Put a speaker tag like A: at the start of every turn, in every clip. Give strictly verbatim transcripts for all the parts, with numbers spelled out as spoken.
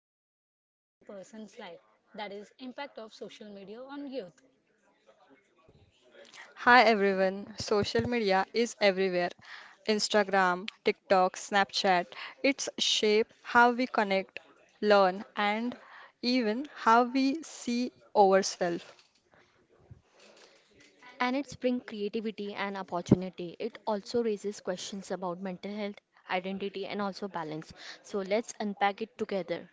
A: almost every young person's life, that is impact of social media on youth.
B: Hi everyone, social media is everywhere. Instagram, TikTok, Snapchat. It's shape how we connect, learn, and even how we see ourselves.
C: And it's bring creativity and opportunity. It also raises questions about mental health, identity, and also balance. So let's unpack it together.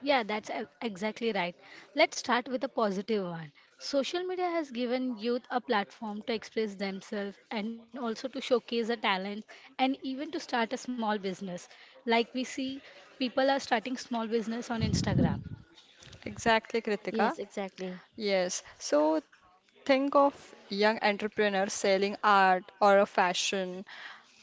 A: Yeah, that's e- exactly right. Let's start with a positive one. Social media has given youth a platform to express themselves and also to showcase their talent and even to start a small business. Like we see, people are starting small business on Instagram.
B: Exactly,
C: Yes,
B: Kritika.
C: exactly.
B: Yes. So think of young entrepreneurs selling art or a fashion,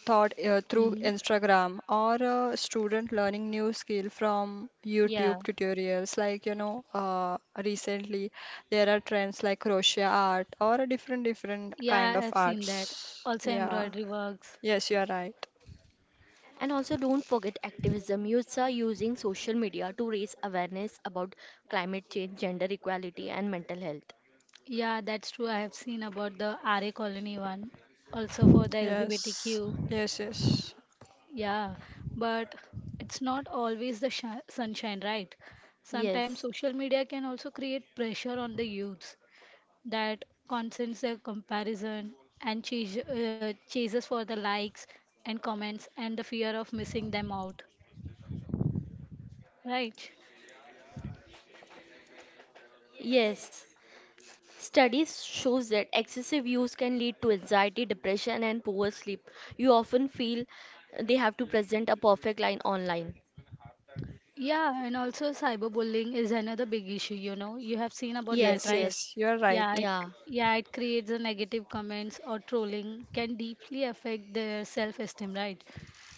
B: taught uh, through
A: hmm
B: Instagram or a student learning new skill from
A: Yeah,
B: YouTube tutorials. Like, you know, uh, recently there are trends like crochet art or a different different
A: yeah,
B: kind of
A: I've seen that.
B: arts.
A: Also,
B: Yeah.
A: embroidery works.
B: Yes, you are right.
C: And also, don't forget activism. Youths are using social media to raise awareness about climate change, gender equality, and mental health.
A: Yeah, that's true. I have seen about the R A Colony one, also for the
B: Yes.
A: L G B T Q.
B: Yes, yes.
A: Yeah, but it's not always the shi sunshine, right? Sometimes
C: Yes,
A: social media can also create pressure on the youths that concerns their comparison and chase, uh, chases for the likes and comments and the fear of missing them out, right?
C: yes. Studies shows that excessive use can lead to anxiety, depression and poor sleep. You often feel they have to present a perfect line online.
A: Yeah, and also cyberbullying is another big issue, you know. You have seen about that,
B: Yes,
C: Yes,
A: right?
B: yes.
C: yes.
B: You are right.
A: Yeah, it,
C: Yeah,
A: yeah, it creates a negative comments or trolling can deeply affect their self-esteem, right?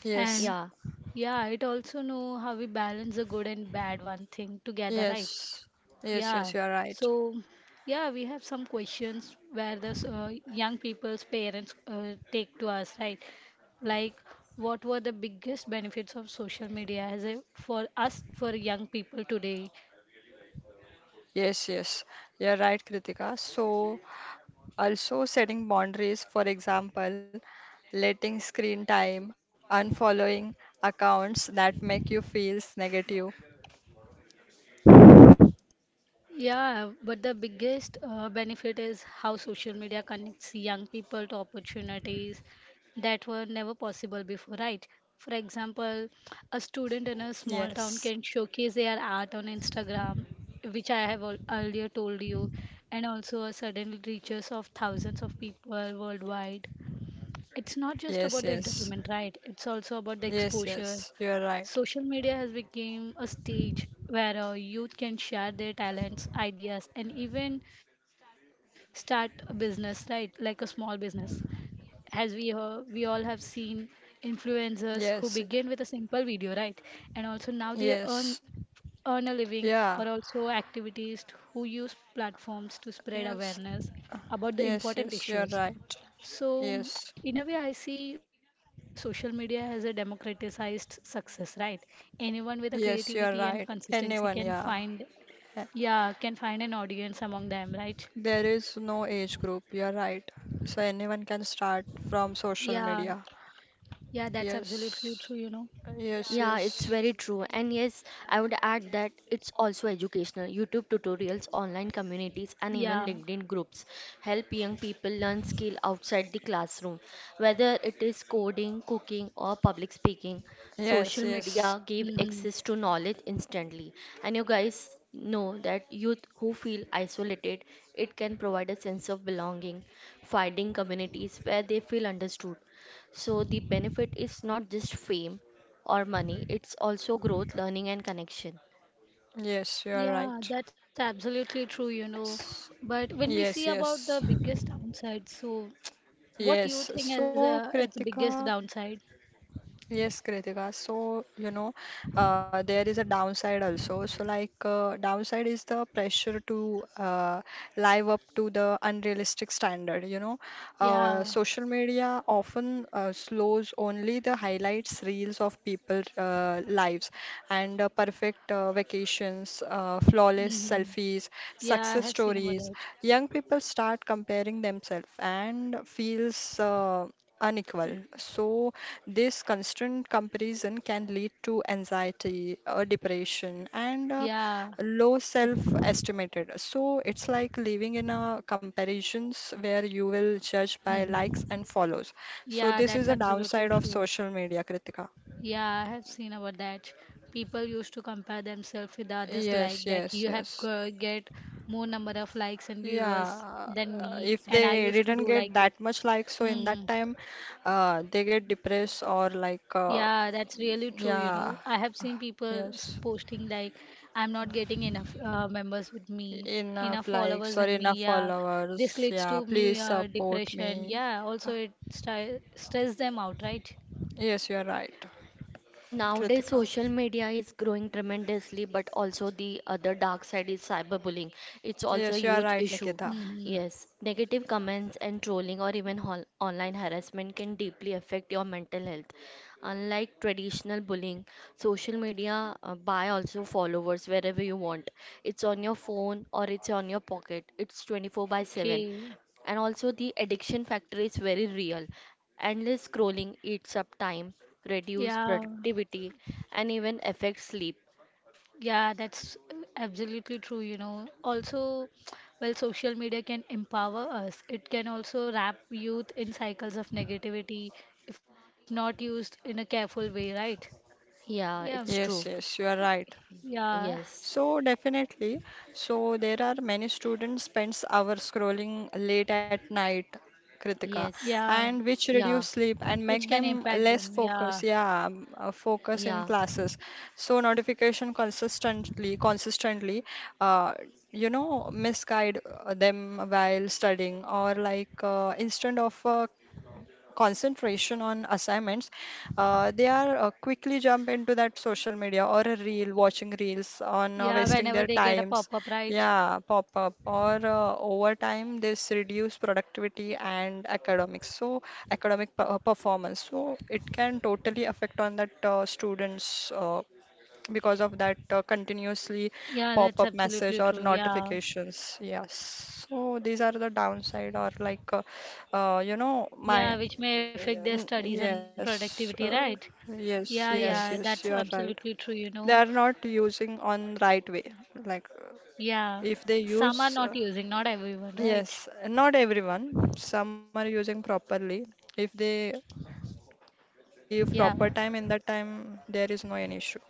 B: Yes,
A: And
C: yeah.
A: yeah, it also know how we balance the good and bad one thing together, right?
B: yes, yes,
A: Yeah,
B: yes, you are right.
A: so yeah, we have some questions where the s- uh, young people's parents uh, take to us, right? Like, what were the biggest benefits of social media as a, for us, for young people today?
B: Yes, yes, you are right, Kritika. So, also, setting boundaries, for example, letting screen time, unfollowing accounts that make you feel negative.
A: Yeah, but the biggest uh, benefit is how social media connects young people to opportunities that were never possible before, right? For example, a student in a small town
B: Yes,
A: can showcase their art on Instagram, which I have al earlier told you, and also uh, suddenly reaches of thousands of people worldwide. It's not just about the
B: yes,
A: entertainment,
B: yes,
A: right? It's also about the
B: yes,
A: exposure.
B: yes, you're right.
A: Social media has become a stage where uh, youth can share their talents, ideas, and even start a business, right? Like a small business. As we uh, we all have seen influencers who
B: Yes,
A: begin with a simple video, right? And also now they earn
B: yes,
A: earn a living or
B: yeah,
A: also activities who use platforms to spread
B: yes,
A: awareness about the
B: yes,
A: important
B: yes, you're
A: issues.
B: right.
A: So,
B: Yes,
A: in a way, I see social media as a democratized success, right? Anyone with a
B: yes,
A: creativity
B: you're
A: and
B: right.
A: consistency
B: Anyone,
A: can
B: yeah.
A: find,
B: Eh,
A: yeah, can find an audience among them, right?
B: There is no age group, you're right. So anyone can start from social
A: Yeah,
B: media.
A: yeah, that's absolutely true,
B: Yes,
A: you know.
C: Yeah,
B: yes,
C: it's very
B: yes.
C: true. And yes, I would add that it's also educational. YouTube tutorials, online communities, and
A: Yeah.
C: even LinkedIn groups help young people learn skill outside the classroom. Whether it is coding, cooking, or public speaking, social
B: Yes,
C: media
B: yes,
C: give
A: hmm
C: access to knowledge instantly. And you guys know that youth who feel isolated, it can provide a sense of belonging, finding communities where they feel understood. So the benefit is not just fame, or money. It's also growth, learning, and connection.
B: yes, you are
A: Yeah,
B: right.
A: that's absolutely true, you know.
B: S-
A: But when we see
B: Yes,
A: about the
B: yes,
A: biggest downside, so what do you
B: yes.
A: think as
B: So,
A: a its biggest
B: Kritika,
A: downside?
B: yes, Kritika. So, you know, uh, there is a downside also. So, like, uh, downside is the pressure to uh, live up to the unrealistic standard. You know,
A: Yeah.
B: uh, social media often uh, slows only the highlights, reels of people uh, lives, and uh, perfect uh, vacations, uh, flawless
A: hmm
B: selfies,
A: Yeah, I
B: success
A: have seen about
B: stories.
A: that.
B: Young people start comparing themselves and feels uh, unequal.
A: Mm,
B: So this constant comparison can lead to anxiety, uh, depression, and uh,
A: Yeah.
B: low
A: It,
B: self-estimated. So it's like living in a comparisons where you will judge by
A: hmm
B: likes and follows. So
A: Yeah,
B: this is
A: that's
B: a
A: absolutely
B: downside of
A: true.
B: social media, Kritika.
A: Yeah, I have seen about that. People used to compare themselves with others
B: Yes,
A: like that.
B: yes,
A: You have
B: yes.
A: g- get more number of likes and viewers
B: Yeah,
A: than
B: uh,
A: me,
B: if
A: and I
B: they
A: used to
B: didn't
A: do
B: get
A: like that.
B: that much likes, so in that
A: Hmm.
B: time, uh, they get depressed or like, uh,
A: Yeah, that's really true, you
B: yeah,
A: know. I have
B: uh,
A: seen people s-
B: yes.
A: posting like, I'm not getting enough uh, members with me, enough
B: Enough likes
A: followers
B: or
A: with me.
B: enough
A: Yeah, this
B: followers.
A: leads
B: Yeah,
A: to
B: please
A: me uh,
B: support
A: depression.
B: me.
A: Yeah, also it sti- stress them out, right?
B: Yes, you are right,
C: Nowadays,
B: Kritika.
C: social media is growing tremendously, but also the other dark side is cyberbullying. It's also a
B: Yes, you are
C: huge
B: right,
C: issue.
B: Nikita.
A: Mm-hmm.
C: Yes, negative comments and trolling or even hol- online harassment can deeply affect your mental health. Unlike traditional bullying, social media uh, buy also followers wherever you want. It's on your phone or it's on your pocket. It's twenty-four by seven,
A: Okay.
C: and also the addiction factor is very real, endless scrolling eats up time, reduce
A: Yeah.
C: productivity, and even affect sleep.
A: Yeah, that's uh, absolutely true, you know. Also, well, social media can empower us. It can also wrap youth in cycles of negativity if not used in a careful way, right? Yeah,
C: Yeah, it's
B: Yes,
C: true.
B: yes, you are right.
A: yeah,
C: Yes,
B: So definitely. So there are many students spends hours scrolling late at night, Kritika,
C: yes,
A: yeah,
B: and which
C: yeah,
B: reduce sleep and
A: which
B: make
A: can
B: them
A: impact them.
B: less
A: Yeah,
B: focus. Yeah, um, uh,
C: yeah,
B: focus in classes. So notification consistently, consistently, uh, you know, misguide uh, them while studying or like uh, instead of uh, concentration on assignments, uh, they are uh, quickly jump into that social media or a reel, watching reels on uh,
A: yeah,
B: wasting
A: whenever
B: their
A: they get a
B: times.
A: pop-up, right?
B: Yeah, pop up or uh, over time this reduce productivity and academics. So academic per- performance. So it can totally affect on that uh, students' uh, because of that uh, continuously
A: Yeah, that's
B: pop-up message
A: absolutely
B: or
A: true. Yeah,
B: notifications. Yes. So these are the downside or like uh, uh, you know my
A: yeah, which may affect their
B: n-
A: studies and
B: yes
A: productivity,
B: uh,
A: right?
B: yes
A: Yeah,
B: yes
A: yeah,
B: yes
A: that's
C: yes.
B: you are right.
A: absolutely true, you
B: They
A: know.
B: are not using on right way. Like uh,
A: Yeah.
B: if they
A: Some are
B: use
A: not
B: uh,
A: using, not everyone, right?
B: yes, not everyone. Some are using properly. If they
A: Yeah.
B: give proper time in that time, there is no any issue.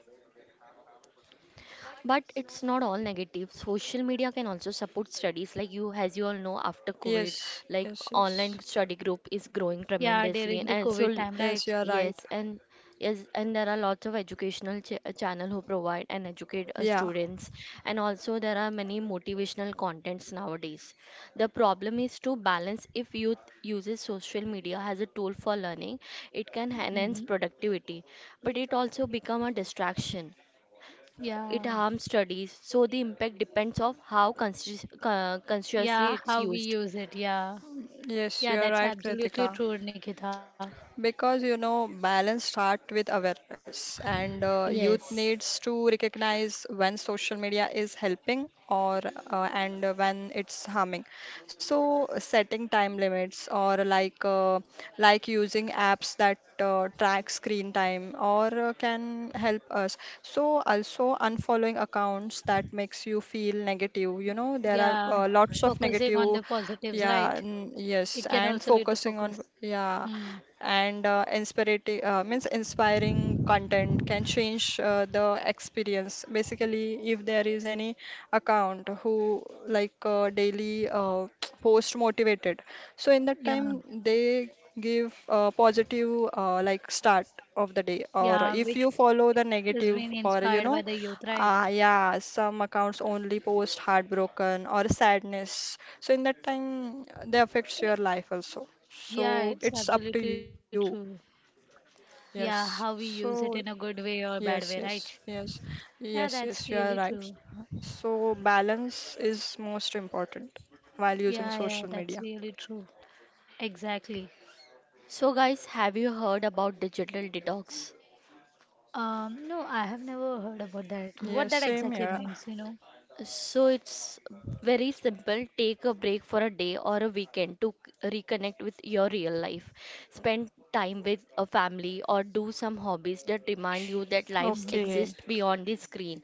C: But it's not all negative. Social media can also support studies. Like you, as you all know, after COVID,
B: Yes,
C: like
B: yes,
C: online
B: yes.
C: study group is growing
A: Yeah,
C: tremendously,
A: during
C: and
A: the
C: and
A: COVID
C: so
A: time, right?
B: Yes, you are
C: yes,
B: right.
C: and yes, and there are lots of educational ch uh, channel who provide and educate uh,
B: Yeah,
C: students, and also there are many motivational contents nowadays. The problem is to balance. If youth uses social media as a tool for learning, it can enhance
A: hmm
C: productivity, but it also become a distraction, it
A: Yeah.
C: harms studies, so the impact depends of how consci- uh, consciously
A: Yeah,
C: it's
A: how we
C: used.
A: use it. Yeah. Yeah,
B: yes,
A: that's
B: you are right,
A: absolutely true,
B: Kritika.
A: Nikita.
B: Because you know, balance start with awareness, and uh, youth
C: Yes.
B: needs to recognize when social media is helping or uh, and when it's harming. So setting time limits or like uh, like using apps that uh, track screen time or uh, can help us. So also unfollowing accounts that makes you feel negative. You know, there are
A: Yeah,
B: uh, lots of
A: focusing on
B: negative.
A: the positives,
B: Yeah,
A: right?
B: n- yes,
A: It can
B: and
A: also lead to
B: focusing on
A: focus.
B: yeah
A: Hmm.
B: and uh, inspirati- uh, means inspiring content can change uh, the experience. Basically, if there is any account who like uh, daily uh, post motivated, so in that
A: Yeah.
B: time they give a positive uh, like start of the day. Or
A: Yeah,
B: if
A: which
B: you follow the
A: is
B: negative
A: being
B: or you
A: inspired by
B: know
A: the youth, right?
B: ah, yeah, some accounts only post heartbroken or sadness. So in that time, uh, they affects your life also.
A: Yeah,
B: So
A: it's
B: it's up to
A: absolutely
B: you.
A: true. Yeah,
B: Yes.
A: how we use it
B: So
A: in a good way or bad
B: yes,
A: way,
B: yes,
A: right?
B: yes,
A: Yeah,
B: yes,
A: that's
B: yes. You are
A: really
B: right.
A: true.
B: So balance is most important while using
A: Yeah,
B: social
A: yeah,
B: media.
A: that's really true. Exactly.
C: So guys, have you heard about digital detox?
A: Um, no, I have never heard about that.
C: Uh,
A: What
B: Yes,
A: that
B: same
A: exactly
B: here.
A: means, you know?
C: So it's very simple. Take a break for a day or a weekend to c- reconnect with your real life. Spend time with a family or do some hobbies that remind you that lives
A: Mhm.
B: Okay.
C: exist beyond the screen.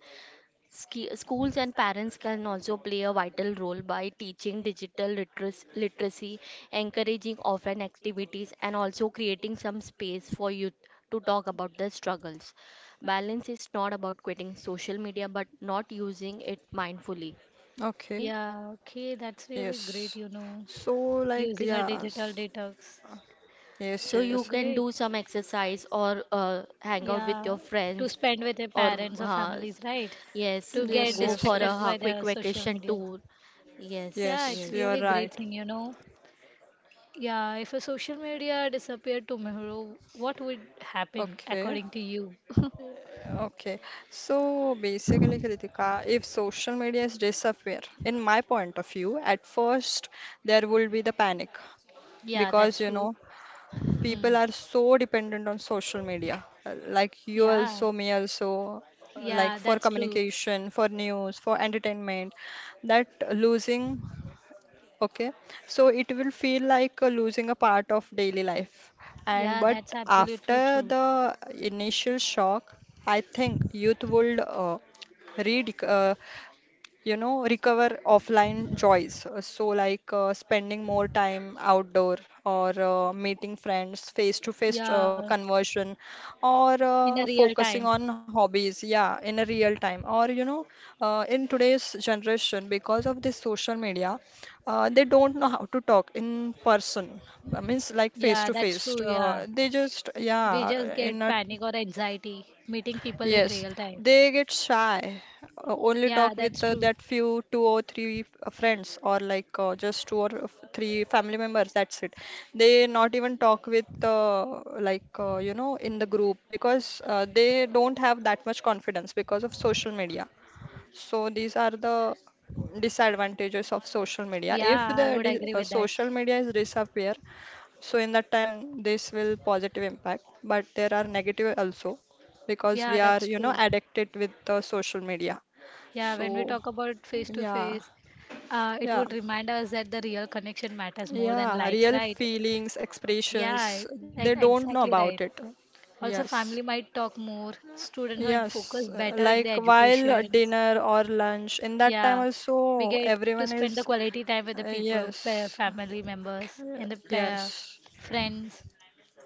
C: Ski- schools and parents can also play a vital role by teaching digital literacy, literacy encouraging offline activities, and also creating some space for youth to talk about their struggles. Balance is not about quitting social media but not using it mindfully.
B: Okay.
A: Yeah, okay, that's really
B: Yes.
A: great, you know,
B: So like
A: using a
B: yeah.
A: digital detox.
B: Yes,
C: So
B: yes.
C: you
A: Great.
C: can do some exercise or uh, hang out
A: Yeah,
C: with your
A: to
C: friends
A: spend
C: or
A: with your parents
C: uh,
A: or families, right?
C: yes,
A: To
C: go for a
B: Yes,
A: get
B: yes,
C: uh, quick
A: distracted
B: yes.
A: by the
C: vacation
A: social
C: tour.
A: media.
C: Yes,
A: Yeah,
C: yes,
B: Yes,
A: it's
B: you're
A: really
B: right.
A: great thing, you know. Yeah, if a social media disappeared tomorrow, what would happen
B: Okay,
A: according to you?
B: okay. So basically, Kritika, if social media is disappear, in my point of view, at first there will be the panic
A: Yeah,
B: because
A: that's
B: you
A: true.
B: know
A: Hmm.
B: people are so dependent on social media, uh, like you also,
A: Yeah,
B: me also, uh, like
A: yeah,
B: for
A: that's true.
B: communication, for news, for entertainment, that losing okay, so it will feel like uh, losing a part of daily life. And
A: Yeah,
B: but
A: that's absolutely
B: after
A: true.
B: the initial shock, I think youth would uh, rediscover you know, recover offline joys. Uh, So, like uh, spending more time outdoor or uh, meeting friends, face-to-face uh,
A: Yeah,
B: conversion, or
A: in a
B: uh,
A: real time.
B: focusing on hobbies, yeah, in a real time. Or, you know, uh, in today's generation, because of this social media, uh, they don't know how to talk in person. Uh, means like
A: Yeah, that's
B: face-to-face.
A: true. Yeah,
B: Uh, they just,
A: we just
B: yeah, in
A: get
B: a
A: panic or anxiety meeting people in
B: yes,
A: real time.
B: they get shy, uh, only talk
A: Yeah,
B: with
A: that's
B: uh,
A: true.
B: that few two or three f- friends, or like uh, just two or f- three family members. That's it. They not even talk with uh, like uh, you know in the group because uh, they don't have that much confidence because of social media. So these are the disadvantages of social media. If
A: Yeah, I
B: the
A: would
B: di-
A: agree
B: uh,
A: with that.
B: social media is disappear, so in that time, this will positive impact, but there are negative also because we
A: Yeah,
B: are,
A: that's
B: you know,
A: true.
B: addicted with the social media.
A: Yeah, when we
B: So
A: talk about face to
B: yeah,
A: face, uh, it
B: yeah,
A: would remind us that the real connection matters more than
B: yeah,
A: likes,
B: real
A: right?
B: feelings,
A: Yeah,
B: expressions,
A: like
B: they don't know
A: exactly
B: about
A: right.
B: it.
A: Also,
B: Yes.
A: family might talk more, students might focus
B: Yes, uh,
A: better in their
B: like while at
A: educations.
B: dinner or lunch, in that time
A: Yeah, we
B: also,
A: get to
B: everyone
A: spend the
B: is,
A: quality time with the
B: uh,
A: people, pa-
B: yes,
A: family members, and the pa-
B: yes,
A: friends.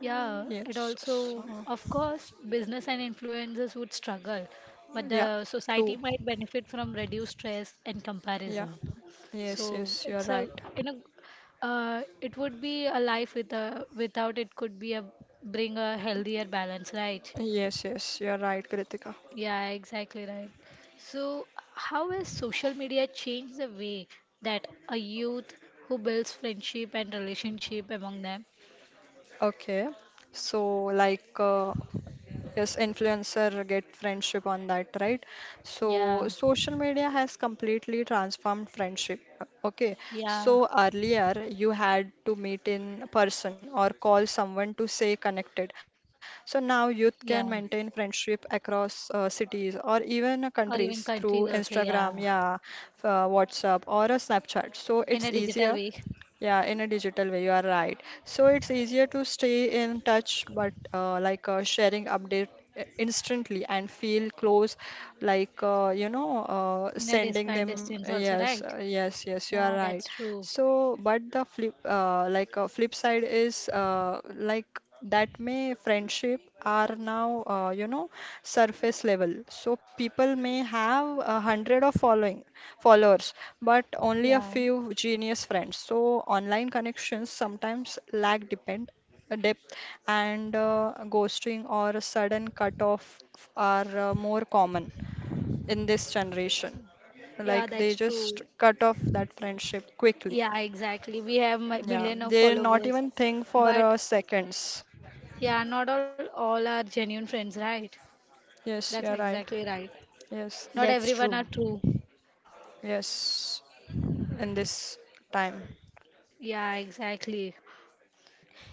A: Yeah, it
B: yes,
A: also,
B: so,
A: of course, business and influencers would struggle, but
B: yeah,
A: the society
B: true,
A: might benefit from reduced stress and
B: yeah,
A: comparison.
B: yes,
A: So
B: yes, you're
A: it's a,
B: right.
A: you know, uh, it would be a life with a, without it could be a bring a healthier balance, right?
B: Yes, yes, you're right, Kritika.
A: Yeah, exactly right. So, how has social media changed the way that a youth who builds friendship and relationship among them?
B: Okay, so like, uh, yes, influencer get friendship on that, right? So
A: Yeah,
B: social media has completely transformed friendship. Okay,
A: yeah,
B: so earlier you had to meet in person or call someone to stay connected. So now youth
A: yeah.
B: can maintain friendship across uh, cities or even uh,
A: Or even
B: countries
A: countries
B: through
A: also,
B: Instagram,
A: yeah,
B: yeah, uh, WhatsApp or a Snapchat. So
A: in
B: it's
A: a digital
B: easier
A: way,
B: yeah, in a digital way, you are right. So it's easier to stay in touch, but uh, like uh, sharing update i- instantly and feel close, like uh, you know, uh,
A: in a
B: sending
A: defined
B: them.
A: distance also,
B: Yes,
A: right,
B: uh, yes, yes, you are
A: yeah,
B: right.
A: that's true,
B: So, but the flip, uh, like uh, flip side is uh, like that may friendship are now uh, you know surface level so people may have a hundred of following followers but only a
A: yeah,
B: few genius friends so online connections sometimes lack depend uh, depth and uh, ghosting or a sudden cut off are uh, more common in this generation
A: yeah,
B: like
A: that's
B: they
A: true,
B: just cut off that friendship quickly.
A: yeah, exactly, we have mi-
B: Yeah
A: million of
B: they not
A: followers,
B: even think for
A: but
B: uh, seconds.
A: yeah, not all all are genuine friends, right? That's
B: Yes you're
A: exactly
B: right.
A: right. Not
B: Yes,
C: that's
A: everyone
C: true.
A: are true.
B: yes, in this time.
A: Yeah, exactly.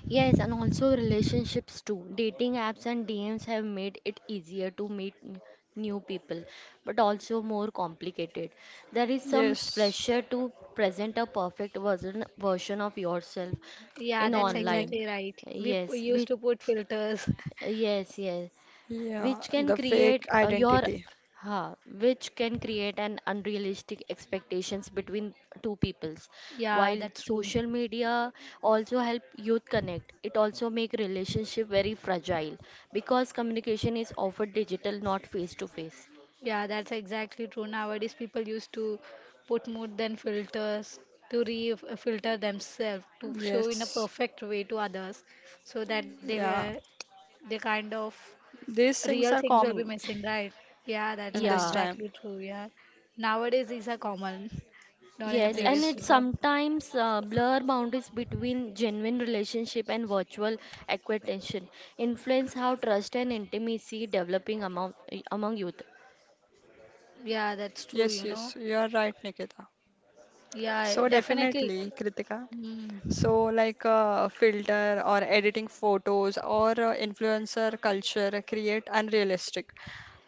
C: Yes, and also relationships too. Dating apps and D Ms have made it easier to meet n- new people, but also more complicated. There is some
B: Yes,
C: pressure to present a perfect version version of yourself
A: Yeah,
C: in
A: that's
B: yeah,
C: online.
A: exactly right, we p-
C: Yes, which
A: used to put filters.
C: yes, yes,
B: yeah,
C: which can
B: the
C: create
B: fake
C: uh, your
B: identity.
C: ha, which can create an unrealistic expectations between two peoples,
A: Yeah,
C: while
A: that's true.
C: social media also help youth connect, it also make relationship very fragile because communication is often digital, not face to face.
A: Yeah, that's exactly true. Nowadays, people used to put more than filters to re uh, filter themselves to show in a
B: Yes,
A: perfect way to others so that they
B: yeah,
A: were they kind of
B: these things
A: real
B: are
A: things will be
B: common
A: missing, right? Yeah, that's
B: in this
C: Yeah,
B: time.
A: exactly true. Yeah, nowadays these are common, not in a
C: yes, and
B: Yes,
A: previous
C: it
A: way.
B: yeah,
C: sometimes uh, blur boundaries between genuine relationship and virtual acquaintance, influence how trust and intimacy developing among among youth
A: Yeah, that's
B: yes,
A: true, you
B: yes,
A: know.
B: you are right, Nikita. So,
A: Yeah,
B: definitely,
A: definitely.
B: Kritika.
A: Mm.
B: So, like uh, filter or editing photos or uh, influencer culture create unrealistic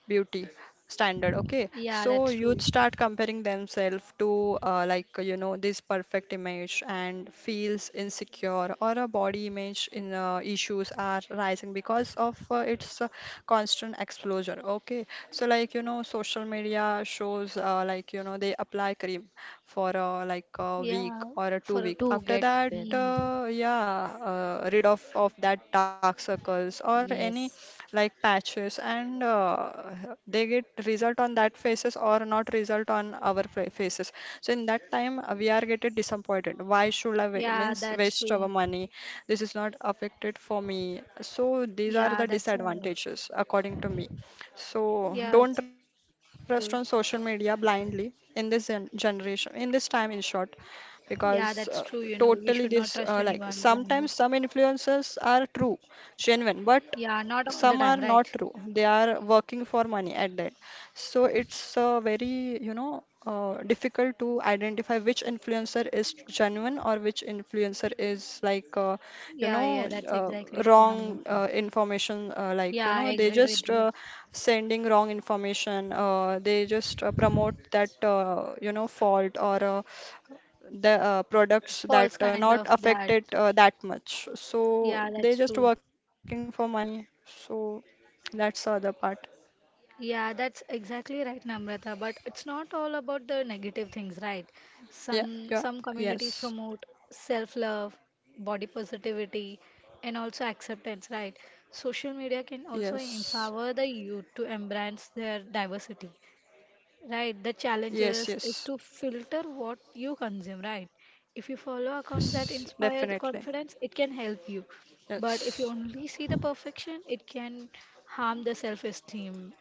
B: beauty standard. Okay
A: Yeah,
B: so
A: that's
B: youth
A: true.
B: start comparing themselves to uh, like you know this perfect image and feels insecure or a body image in uh, issues are rising because of uh, its uh, constant exposure. Okay so like you know social media shows uh, like you know they apply cream for uh, like a week or a
A: Yeah,
B: two week
A: for
C: to
B: after
C: get
B: that
C: well.
A: mm.
B: uh, yeah uh, rid of of that dark circles or any
C: Yes,
B: like patches and uh, they get result on that faces or not result on our fa- faces so in that time uh, we are getting disappointed why should i wa- means
A: Yeah,
B: waste
A: that's
B: our
A: true.
B: money this is not affected for me so these are the
A: Yeah, that's all.
B: disadvantages according to me so don't
A: Yeah, it's
B: trust on
A: true.
B: social media blindly in this gen- generation in this time in short because
A: Yeah,
B: uh,
A: that's true, you know.
B: totally
A: We
B: this
A: should
B: uh,
A: not
B: like
A: trust anyone
B: sometimes some
A: blindly.
B: influencers are true genuine but
A: Yeah,
B: some
A: not
B: are
A: all the
B: not
A: time,
B: true
A: right?
B: they are working for money at that so it's uh, very you know uh, difficult to identify which influencer is genuine or which influencer is like uh, you know
A: Yeah, yeah,
B: uh,
A: that's exactly
B: wrong
A: true,
B: uh,
A: Namrata.
B: information uh, like you know
A: Yeah,
B: they
A: I
B: just
A: agreed
B: uh,
A: with you.
B: sending wrong information uh, they just uh, promote that uh, you know fault or uh, the uh, products that uh, not
A: False kind of
B: affected uh,
A: that.
B: that much. So they
A: Yeah,
B: just
A: that's
B: working for
A: true.
B: money. So that's the other part.
A: Yeah, that's exactly right, Namrata. But it's not all about the negative things, right?
B: Yeah, yeah,
A: Some some
B: yes,
A: communities promote self-love, body positivity, and also acceptance, right? Social media can also
B: yes,
A: empower the youth to embrace their diversity, right? The
B: yes,
A: challenges
B: yes,
A: is to filter what you consume, right? If you follow accounts
B: yes,
A: that inspire the
B: definitely.
A: confidence, it can help you. But
B: Yes,
A: if you only see the perfection, it can harm the self-esteem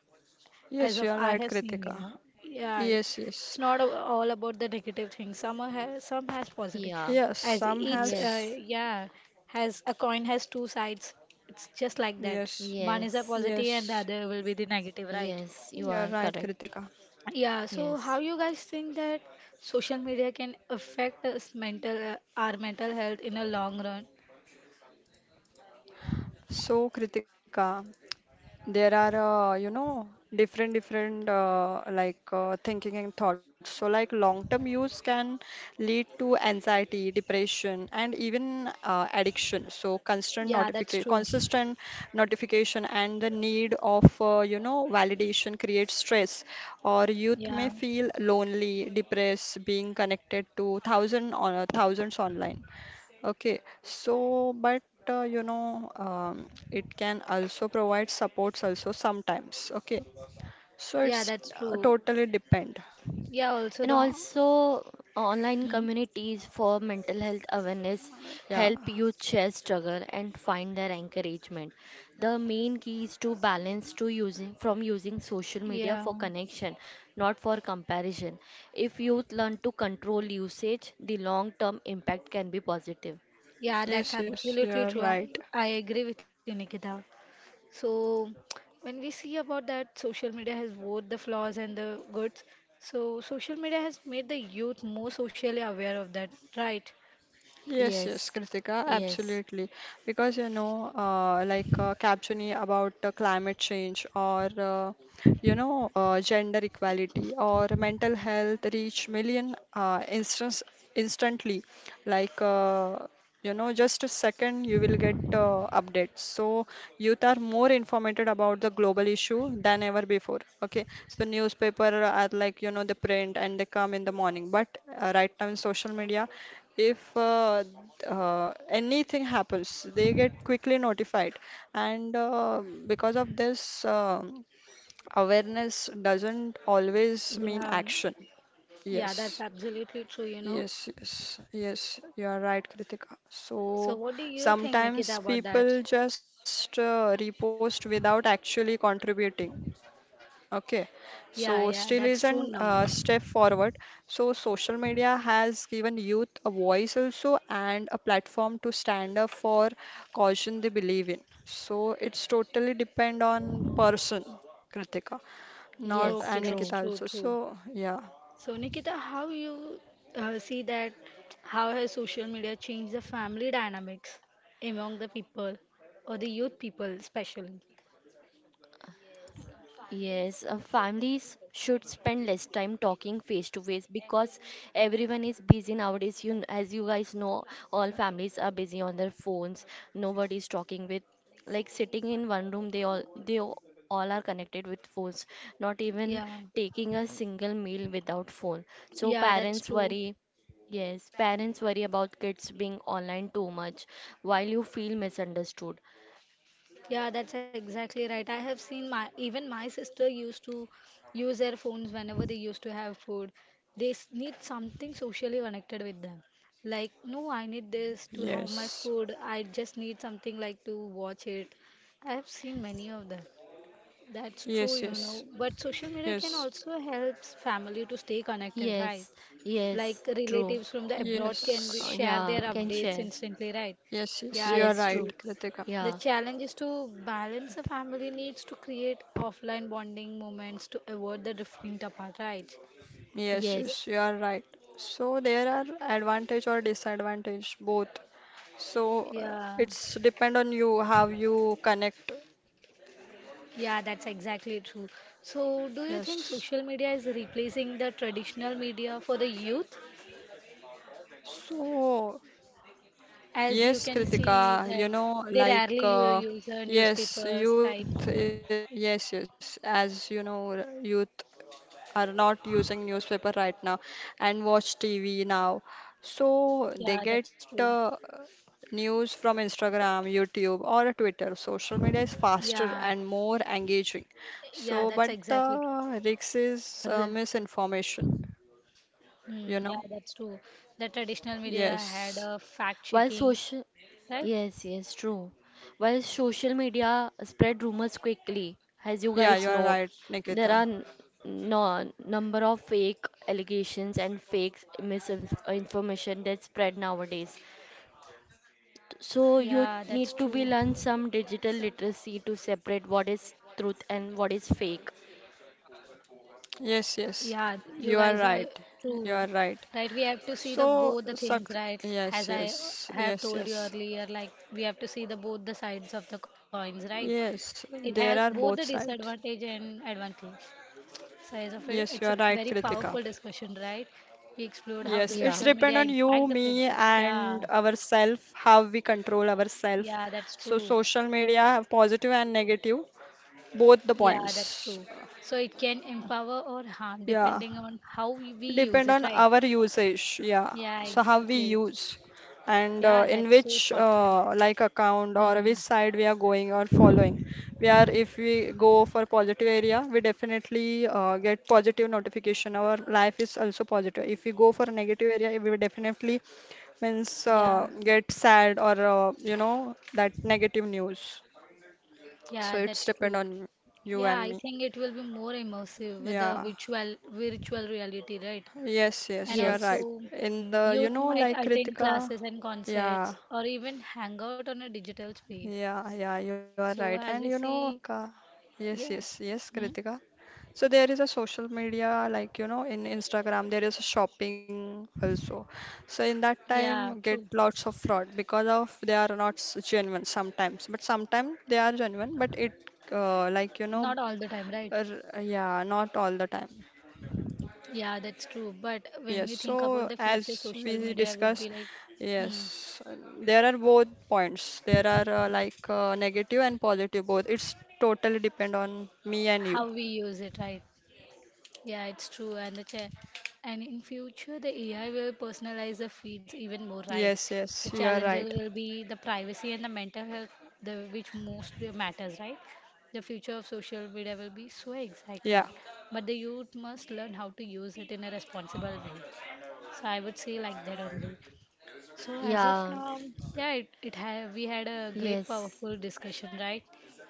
B: yes, you
A: as
B: are
A: of
B: right,
A: I have seen,
B: Kritika.
A: yeah, yeah, it's
B: Yes, yes,
A: it's not a- all about the negative things. Some has some has positive.
C: yeah,
B: yes,
A: As
B: some
A: it's
B: has,
A: uh,
C: yes,
A: yeah, has a coin has two sides. It's just like that.
B: yes,
A: One is a
C: yes,
A: positive and the
B: yes,
A: other will be the negative, right?
C: yes, you
B: you are
C: are
B: right,
C: correct.
B: Kritika.
A: Yeah. So how
C: Yes.
A: you guys think that social media can affect us mental uh, our mental health in a long run?
B: So, Kritika, there are uh, you know different different uh, like uh, thinking and thoughts so like long term use can lead to anxiety depression and even uh, addiction so constant
A: Yeah, that's
B: notification
A: true.
B: consistent notification and the need of uh, you know validation creates stress or youth may
A: Yeah,
B: feel lonely depressed being connected to thousand on, uh, thousands online. Okay, so but uh, you know, um, it can also provide supports also sometimes. Okay, so
A: yeah,
B: it's
A: that's
B: uh,
A: true.
B: totally depend.
A: Yeah, also
C: And
A: the
C: also, online
A: Mhm.
C: communities for mental health awareness
B: Yeah.
C: help youth share struggle and find their encouragement. The main key is to balance to using from using social media
A: Yeah.
C: for connection, not for comparison. If youth learn to control usage, the long-term impact can be positive.
A: Yeah, that's
B: Yes, yes,
A: absolutely
B: you're
A: true. I,
B: right.
A: I agree with you, Nikita. So, when we see about that, social media has both the flaws and the goods. So, social media has made the youth more socially aware of that, right?
B: Yes,
C: Yes,
B: yes, Kritika,
C: yes.
B: absolutely. Because you know, uh, like uh, captioning about uh, climate change or uh, you know, uh, gender equality or mental health reach million uh, instance instantly. Like uh, you know, just a second you will get uh, updates. So youth are more informed about the global issue than ever before. Okay, so newspaper are like you know the print and they come in the morning, but uh, right now in social media if uh, uh, anything happens, they get quickly notified. And uh, because of this, um awareness doesn't always mean
A: Yeah,
B: action.
A: yeah,
B: Yes,
A: that's absolutely true, you know.
B: yes, yes, yes, you are right, Kritika. So
A: So, what do you think, Nikita,
B: sometimes
A: about
B: people
A: that?
B: just uh, repost without actually contributing. Okay,
A: Yeah,
B: so
A: yeah,
B: still
A: that's true,
B: isn't a
A: Namrata.
B: step forward. So social media has given youth a voice also and a platform to stand up for caution they believe in. So it's totally depend on person, Kritika, not
C: Yes,
A: Okay,
B: and
C: true.
A: that's
B: Nikita
A: true,
B: also.
A: true.
B: So yeah,
A: So, Nikita, how you uh, see that? How has social media changed the family dynamics among the people or the youth people, especially?
C: Yes, uh, families should spend less time talking face to face because everyone is busy nowadays. You, kn- as you guys know, all families are busy on their phones. Nobody is talking with, like sitting in one room. They all they all are connected with phones. Not even taking a single meal without phone. So
A: Yeah, that's
C: parents
A: true.
C: worry. Yes, parents worry about kids being online too much while you feel misunderstood.
A: Yeah, that's exactly right. I have seen my even my sister used to use their phones whenever they used to have food. They s- need something socially connected with them. Like, no, I need this to have my
B: yes,
A: food. I just need something like to watch it. I have seen many of them. That's true,
B: yes,
A: you know.
B: yes,
A: But social media can
B: yes,
A: also help family to stay connected, right?
C: Yes, yes,
A: Like
C: true.
A: relatives from the abroad can be,
B: yes,
C: Uh,
A: share their
C: yeah, can
A: updates
C: share.
A: instantly, right?
B: yes, yes.
A: Yeah,
B: You are
C: Yes,
A: that's
B: right,
C: true.
A: true.
B: Kritika.
A: The
C: Yeah,
A: challenge is to balance the family needs to create offline bonding moments to avoid the drifting apart, right?
B: Yes,
A: Y-
C: yes.
B: yes, you are right. So there are advantage or disadvantage both. So uh,
A: Yeah,
B: it's depend on you how you connect.
A: yeah, that's exactly true. So, do you think
B: Yes.
A: social media is replacing the traditional media for the youth?
B: So
A: As you
B: yes,
A: can see,
B: Kritika, you
A: like
B: know,
A: they
B: like
A: rarely u-
B: uh,
A: use uh,
B: yes,
A: newspapers,
B: youth.
A: right?
B: Uh, yes, yes. As you know, youth are not using newspaper right now and watch T V now. So they
A: Yeah,
B: get
A: that's true.
B: uh, news from Instagram, YouTube, or Twitter. Social media is faster
A: Yeah,
B: and more engaging.
A: yeah,
B: So,
A: that's
B: but
A: exactly true.
B: the risk is
C: R-
B: uh, misinformation, you
A: Hmm, yeah,
B: know?
A: that's true. The traditional media had
B: Yes.
A: a fact
C: While
A: checking,
C: social,
A: right?
C: yes, yes, true. While social media spread rumors quickly, as you
B: Yeah,
C: guys
B: you are
C: know,
B: right,
C: there are
B: Nikita.
C: n- no number of fake allegations and fake misinformation that spread nowadays.
A: Yeah, that's
C: So you
A: true.
C: need to be learn some digital literacy to separate what is truth and what is fake.
B: Yes, yes.
A: Yeah, you
B: You
A: guys
B: are
A: are
B: right. You
A: true,
B: are right.
A: right? We have to see the
B: So,
A: both the things,
B: suc
A: right? As
B: yes,
A: I
B: yes,
A: have
B: yes,
A: told you
B: yes.
A: earlier, like we have to see the both the sides of the coins, right?
B: Yes,
A: It has
B: there are
A: both the
B: both sides.
A: disadvantage and advantage. Size of it.
B: Yes,
A: It's
B: you
A: a
B: are right,
A: very
B: Kritika.
A: powerful discussion, right? We explored how the
B: Yes,
C: Yeah.
B: it's
A: social
B: depend
A: media
B: on
A: impact
B: you,
A: the
B: me,
A: friendship. Yeah,
B: and ourself, how we control ourself.
A: yeah, that's
B: So
A: true.
B: social media, positive and negative, both the
A: Yeah, that's
B: points.
A: true. So it can empower or harm
B: Yeah.
A: depending on how we we
B: Depend
A: use
B: on
A: it, right?
B: our usage, yeah.
A: Yeah,
B: So how we
A: exactly.
B: use and uh,
A: Yeah,
B: in
A: that's so
B: which
A: thoughtful.
B: uh, like account or which
A: hmm
B: side we are going or following. We are if we go for positive area, we definitely uh, get positive notification. Our life is also positive. If we go for a negative area, we will definitely means uh,
A: Yeah,
B: get sad or uh, you know that negative news.
A: yeah,
B: So it's
A: that's
B: depend
A: true.
B: on you
A: Yeah,
B: and
A: I
B: me.
A: think it will be more immersive with the
B: Yeah.
A: virtual virtual reality, right?
B: Yes,
A: And
B: yes, you are
C: Yes.
B: right.
A: also,
B: In the, you
A: youth
B: know,
A: might
B: like
A: attend
B: Kritika,
A: classes and
B: yeah,
A: concerts or even hang out on a digital space.
B: yeah, yeah, you are
A: So,
B: right.
A: as we
B: And you know,
A: see,
B: Kritika,
A: yeah,
B: yes, yes,
A: hmm?
B: yes, Kritika. So there is a social media, like, you know, in Instagram, there is a shopping also. So in that
A: Yeah,
B: time,
A: true.
B: get lots of fraud because of they are not s- genuine sometimes, but sometimes they are genuine, but it, uh, like, you
A: Not
B: know,
A: all the time, right?
B: r- yeah, not all the time.
A: Yeah, that's true. But when we
B: Yes,
A: think about the
B: so
A: future,
B: as
A: social
B: we
A: media would be
B: discuss,
A: like, hmm,
B: yes, uh, there are both points. There are uh, like uh, negative and positive both. It's totally depend on me and you.
A: how we use it, right? Yeah, it's true. And the cha- and in future, the A I will personalize the feeds even more, right?
B: Yes,
A: The
B: yes, you are
A: challenges
B: right.
A: will be the privacy and the mental health, the which most matters, right? The future of social media will be so
B: Yeah.
A: exciting, but the youth must learn how to use it in a responsible way. So I would say like that only. So as of
C: Yeah.
A: now, yeah, it, it ha we had a great
C: Yes.
A: powerful discussion, right?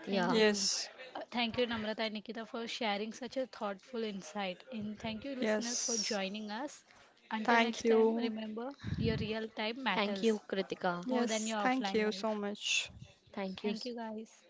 A: Thank
C: Yeah.
A: you.
B: Yes,
A: Uh, thank you, Namrata and Nikita, for sharing such a thoughtful insight. And thank you, listeners, for
B: yes.
A: joining us. Until
B: Thank
A: next time,
B: you.
A: remember your real time
C: Thank you,
A: matters
C: Kritika.
A: more than
B: Yes,
A: your
B: thank
A: offline
B: you so
A: life.
B: much.
C: Thank you.
A: Thank you, guys.